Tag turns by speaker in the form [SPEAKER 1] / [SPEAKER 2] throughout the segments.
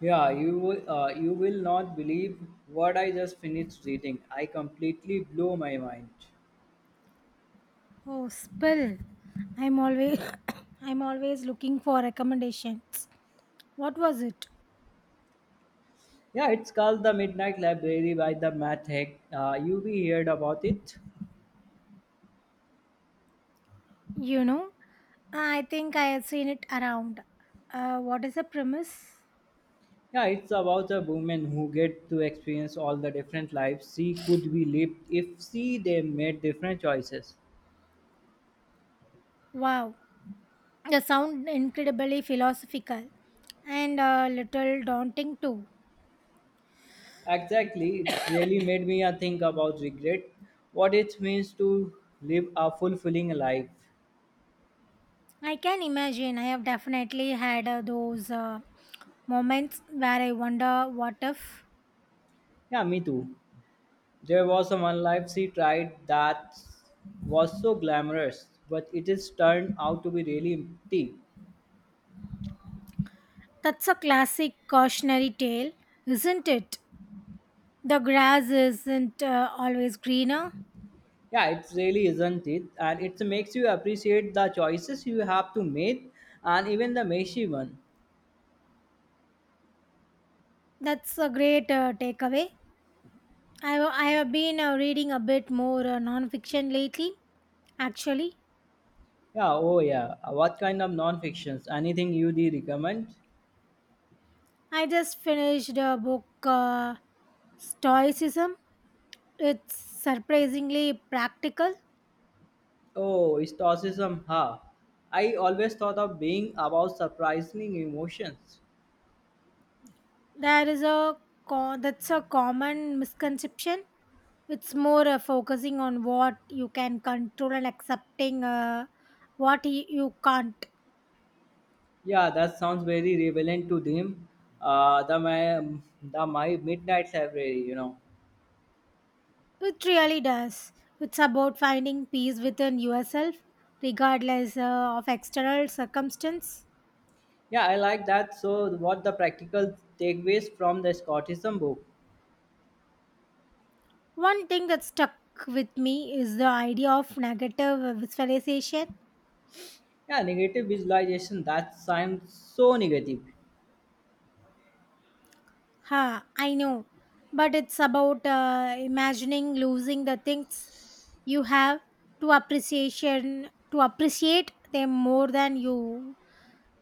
[SPEAKER 1] Yeah, you will not believe what I just finished reading. I completely blew my mind.
[SPEAKER 2] Oh, spill. I'm always I'm always looking for recommendations. What was it?
[SPEAKER 1] Yeah, it's called The Midnight Library by the Matt Heck. You be heard about it.
[SPEAKER 2] You know? I think I had seen it around. What is the premise?
[SPEAKER 1] Yeah, it's about a woman who get to experience all the different lives she could be lived if she they made different choices.
[SPEAKER 2] Wow. The sound incredibly philosophical and a little daunting too.
[SPEAKER 1] Exactly, it's really made me think about regret, what it means to live a fulfilling life.
[SPEAKER 2] I can imagine I have definitely had those moments where I wonder what if.
[SPEAKER 1] Yeah, me too. There was a one life she tried that was so glamorous, but it is turned out to be really empty.
[SPEAKER 2] That's a classic cautionary tale, isn't it? The grass isn't always greener.
[SPEAKER 1] Yeah, it really isn't it, and it makes you appreciate the choices you have to make, and even the messy one.
[SPEAKER 2] That's a great takeaway. I have been reading a bit more nonfiction lately, actually.
[SPEAKER 1] Yeah, oh yeah. What kind of non-fictions? Anything you do recommend?
[SPEAKER 2] I just finished a book, Stoicism. It's surprisingly practical.
[SPEAKER 1] Oh, stoicism, huh? I always thought of being about surprising emotions.
[SPEAKER 2] There is a co- That's a common misconception. It's more focusing on what you can control and accepting you can't.
[SPEAKER 1] Yeah, that sounds very relevant to them. Uh, the my the my midnight library.
[SPEAKER 2] It really does. It's about finding peace within yourself, regardless of external circumstance.
[SPEAKER 1] Yeah, I like that. So, what the practical takeaways from the Scottism book?
[SPEAKER 2] One thing that stuck with me is the idea of negative visualization.
[SPEAKER 1] Yeah, negative visualization. That sounds so negative.
[SPEAKER 2] Ha, I know, but it's about imagining losing the things you have to appreciate them more than you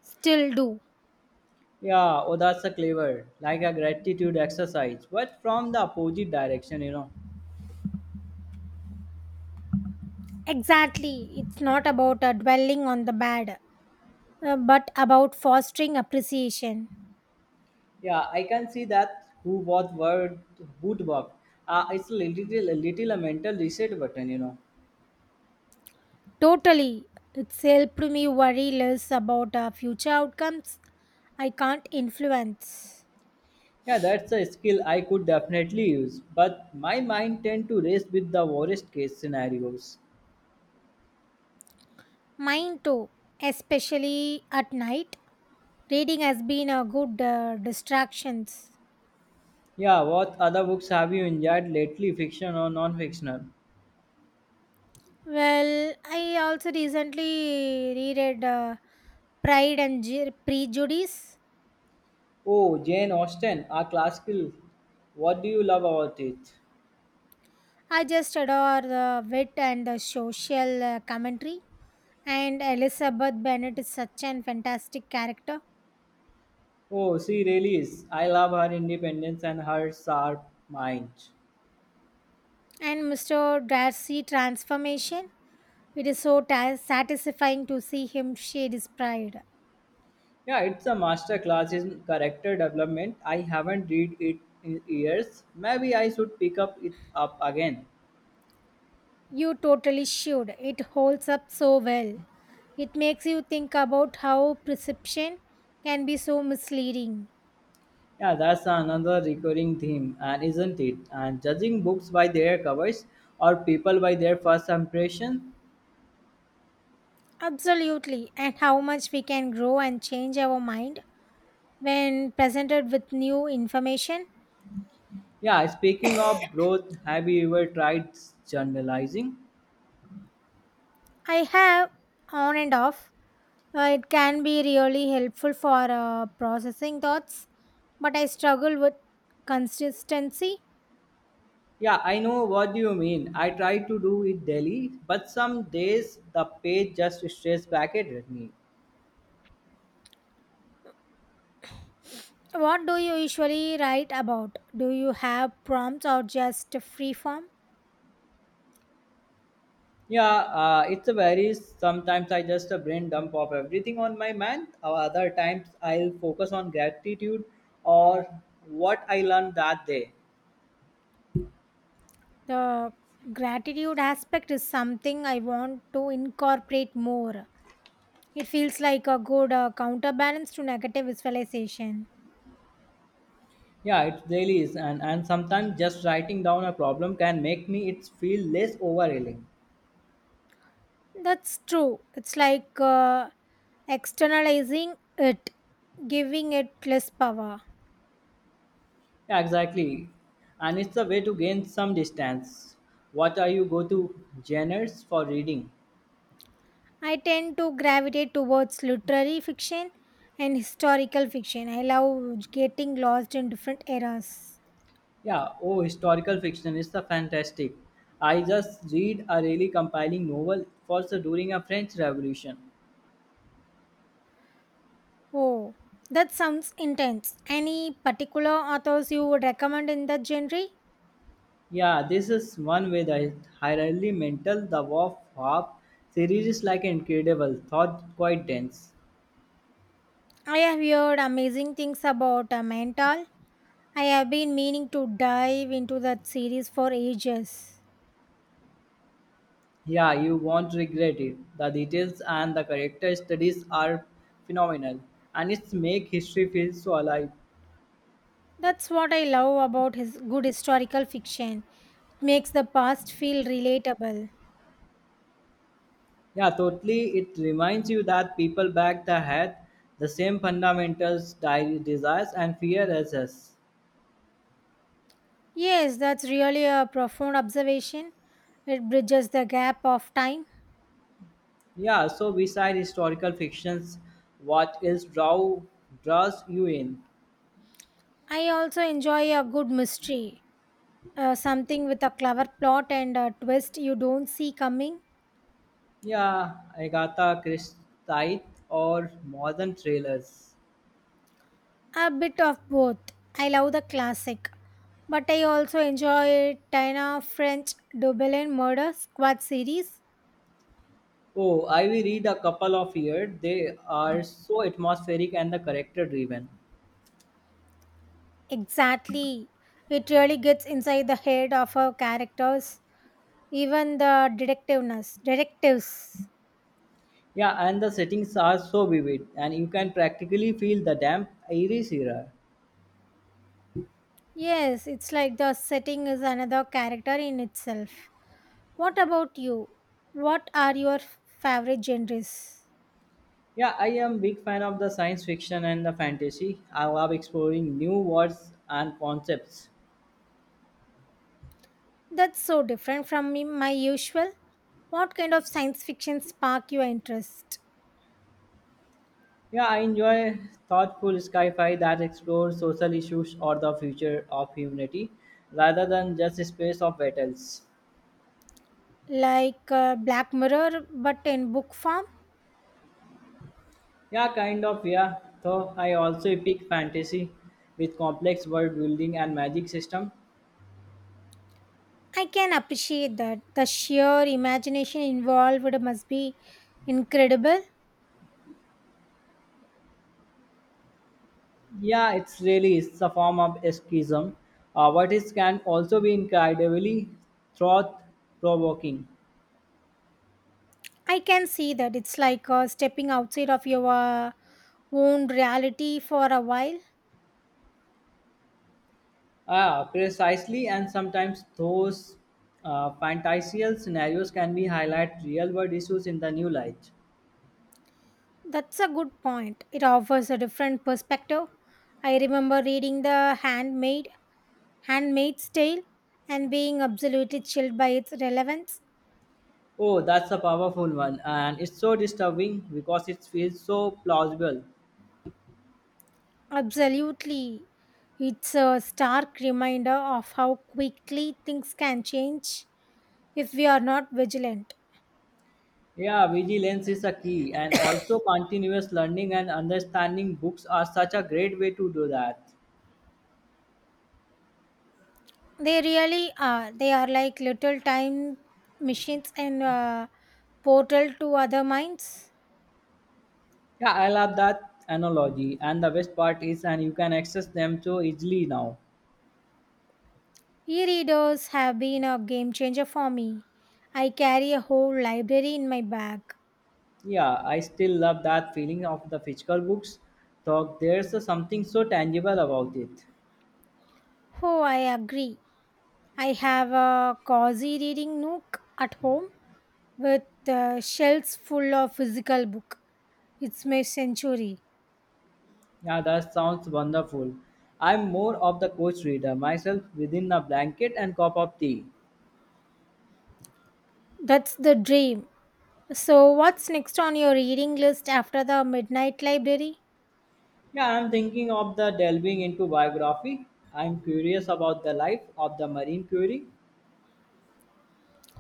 [SPEAKER 2] still do.
[SPEAKER 1] Yeah, oh, that's a clever, like a gratitude exercise, but from the opposite direction.
[SPEAKER 2] Exactly, it's not about dwelling on the bad. But about fostering appreciation.
[SPEAKER 1] Yeah, I can see that who what word would work. It's a little, a little, a mental reset button.
[SPEAKER 2] Totally, it's helped me worry less about future outcomes I can't influence.
[SPEAKER 1] Yeah, that's a skill I could definitely use, but my mind tend to race with the worst case scenarios.
[SPEAKER 2] Mine too, especially at night. Reading has been a good distractions.
[SPEAKER 1] Yeah, what other books have you enjoyed lately, fiction or non-fictional?
[SPEAKER 2] Well, I also recently reread Prejudice.
[SPEAKER 1] Oh, Jane Austen, a classical. What do you love about it?
[SPEAKER 2] I just adore the wit and the social commentary. And Elizabeth Bennet is such an fantastic character.
[SPEAKER 1] Oh, she really is. I love her independence and her sharp mind.
[SPEAKER 2] And Mr. Darcy transformation. It is so satisfying to see him shed his pride.
[SPEAKER 1] Yeah, it's a master class in character development. I haven't read it in years. Maybe I should pick up it up again.
[SPEAKER 2] You totally should. It holds up so well. It makes you think about how perception can be so misleading.
[SPEAKER 1] Yeah, that's another recurring theme, and isn't it? And judging books by their covers or people by their first impression.
[SPEAKER 2] Absolutely. And how much we can grow and change our mind when presented with new information.
[SPEAKER 1] Yeah, speaking of growth, have you ever tried journalizing?
[SPEAKER 2] I have, on and off. It can be really helpful for processing thoughts, but I struggle with consistency.
[SPEAKER 1] Yeah, I know what you mean. I try to do it daily, but some days the page just stares back at me.
[SPEAKER 2] What do you usually write about? Do you have prompts or just free form?
[SPEAKER 1] Yeah, it's a varies. Sometimes I just a brain dump of everything on my mind. Or other times I'll focus on gratitude or what I learned that day.
[SPEAKER 2] The gratitude aspect is something I want to incorporate more. It feels like a good counterbalance to negative visualization.
[SPEAKER 1] Yeah, it really is, and sometimes just writing down a problem can make me it feel less overwhelming.
[SPEAKER 2] That's true. It's like externalizing it, giving it less power.
[SPEAKER 1] Yeah, exactly, and it's a way to gain some distance. What are you go to genres for reading?
[SPEAKER 2] I tend to gravitate towards literary fiction and historical fiction. I love getting lost in different eras.
[SPEAKER 1] Yeah, oh, historical fiction is the fantastic. I just read a really compiling novel for the during a French Revolution.
[SPEAKER 2] Oh, that sounds intense. Any particular authors you would recommend in that genre?
[SPEAKER 1] Yeah, this is one way the highly mental the Wolf Hop series is like incredible, thought quite dense.
[SPEAKER 2] I have heard amazing things about Mental. I have been meaning to dive into that series for ages.
[SPEAKER 1] Yeah, you won't regret it. The details and the character studies are phenomenal, and it's make history feel so alive.
[SPEAKER 2] That's what I love about his good historical fiction. It makes the past feel relatable.
[SPEAKER 1] Yeah, totally. It reminds you that people back then had the same fundamentals, desires, and fear as us.
[SPEAKER 2] Yes, that's really a profound observation. It bridges the gap of time.
[SPEAKER 1] Yeah. So, beside historical fictions, what else draws you in?
[SPEAKER 2] I also enjoy a good mystery, something with a clever plot and a twist you don't see coming.
[SPEAKER 1] Yeah, Agatha Christie or modern thrillers.
[SPEAKER 2] A bit of both. I love the classic, but I also enjoy Tina French Dublin Murder Squad series.
[SPEAKER 1] Oh, I will read a couple of here. They are so atmospheric and the character driven.
[SPEAKER 2] Exactly. It really gets inside the head of her characters, even the detectives.
[SPEAKER 1] Yeah, and the settings are so vivid, and you can practically feel the damp iris era.
[SPEAKER 2] Yes, it's like the setting is another character in itself. What about you? What are your favorite genres?
[SPEAKER 1] Yeah, I am big fan of the science fiction and the fantasy. I love exploring new worlds and concepts.
[SPEAKER 2] That's so different from me, my usual. What kind of science fiction spark your interest?
[SPEAKER 1] Yeah, I enjoy thoughtful sci-fi that explores social issues or the future of humanity rather than just space of battles.
[SPEAKER 2] Like Black Mirror, but in book form?
[SPEAKER 1] Yeah, kind of, yeah. Though I also pick fantasy with complex world building and magic system.
[SPEAKER 2] I can appreciate that. The sheer imagination involved must be incredible.
[SPEAKER 1] Yeah, it's really it's a form of escapism. But it can also be incredibly thought provoking.
[SPEAKER 2] I can see that it's like stepping outside of your own reality for a while.
[SPEAKER 1] Ah, precisely, and sometimes those fantasial scenarios can be highlight real world issues in the new light.
[SPEAKER 2] That's a good point. It offers a different perspective. I remember reading Handmaid's Tale and being absolutely chilled by its relevance.
[SPEAKER 1] Oh, that's a powerful one, and it's so disturbing because it feels so plausible.
[SPEAKER 2] Absolutely. It's a stark reminder of how quickly things can change if we are not vigilant.
[SPEAKER 1] Yeah, vigilance is a key, and also continuous learning and understanding books are such a great way to do that.
[SPEAKER 2] They really are. They are like little time machines and portal to other minds.
[SPEAKER 1] Yeah, I love that analogy, and the best part is, and you can access them so easily now.
[SPEAKER 2] E readers have been a game changer for me. I carry a whole library in my bag.
[SPEAKER 1] Yeah, I still love that feeling of the physical books. So there's a something so tangible about it.
[SPEAKER 2] Oh, I agree. I have a cozy reading nook at home with shelves full of physical book. It's my century.
[SPEAKER 1] Yeah, that sounds wonderful. I'm more of the coach reader myself within a blanket and cup of tea.
[SPEAKER 2] That's the dream. So, what's next on your reading list after the Midnight Library?
[SPEAKER 1] Yeah, I'm thinking of the delving into biography. I'm curious about the life of the Marine Curie.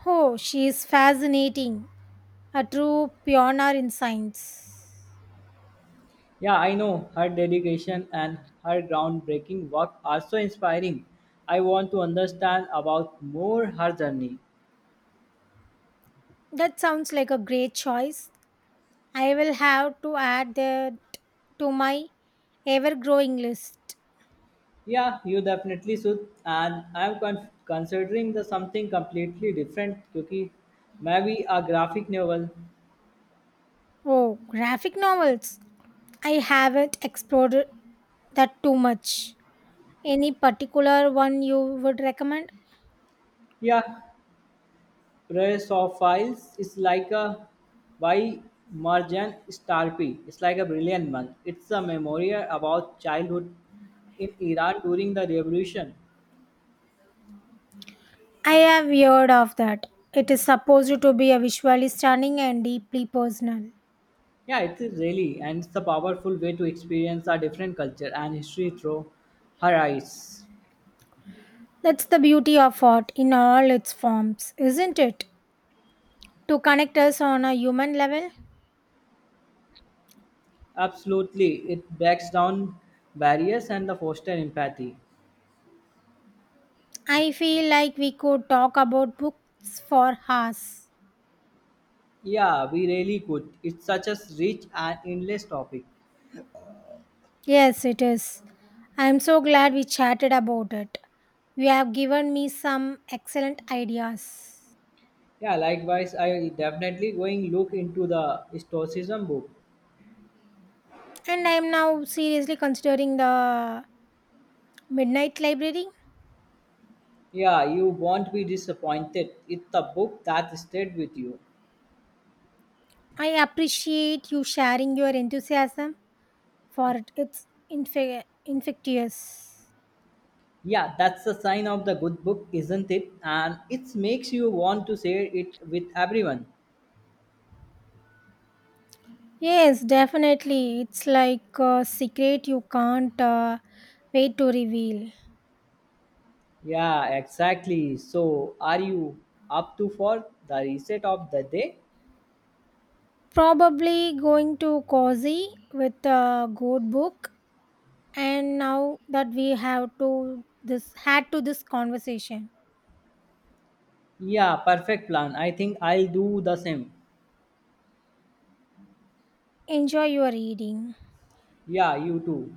[SPEAKER 2] Oh, she is fascinating. A true pioneer in science.
[SPEAKER 1] Yeah, I know her dedication and her groundbreaking work are so inspiring. I want to understand about more her journey.
[SPEAKER 2] That sounds like a great choice. I will have to add that to my ever growing list.
[SPEAKER 1] Yeah, you definitely should. And I'm considering the something completely different, because maybe a graphic novel.
[SPEAKER 2] Oh, graphic novels. I haven't explored that too much. Any particular one you would recommend?
[SPEAKER 1] Yeah, Pterosophylls is like a by Weimarjan starpy. It's like a brilliant monk. It's a memorial about childhood in Iran during the revolution.
[SPEAKER 2] I have heard of that. It is supposed to be a visually stunning and deeply personal.
[SPEAKER 1] Yeah, it is really, and it's a powerful way to experience a different culture and history through her eyes.
[SPEAKER 2] That's the beauty of art in all its forms, isn't it? To connect us on a human level.
[SPEAKER 1] Absolutely, it breaks down barriers and the foster empathy.
[SPEAKER 2] I feel like we could talk about books for hours.
[SPEAKER 1] Yeah, we really could. It's such a rich and endless topic.
[SPEAKER 2] Yes, it is. I am so glad we chatted about it. You have given me some excellent ideas.
[SPEAKER 1] Yeah, likewise, I definitely going look into the Stoicism book.
[SPEAKER 2] And I am now seriously considering the Midnight Library.
[SPEAKER 1] Yeah, you won't be disappointed. It's a book that stayed with you.
[SPEAKER 2] I appreciate you sharing your enthusiasm for it. It's infectious.
[SPEAKER 1] Yeah, that's the sign of the good book, isn't it? And it makes you want to share it with everyone.
[SPEAKER 2] Yes, definitely. It's like a secret you can't wait to reveal.
[SPEAKER 1] Yeah, exactly. So, are you up to for the reset of the day?
[SPEAKER 2] Probably going to cozy with a good book and now that we have to this had to this conversation.
[SPEAKER 1] Yeah, perfect plan. I think I'll do the same.
[SPEAKER 2] Enjoy your reading.
[SPEAKER 1] Yeah, you too.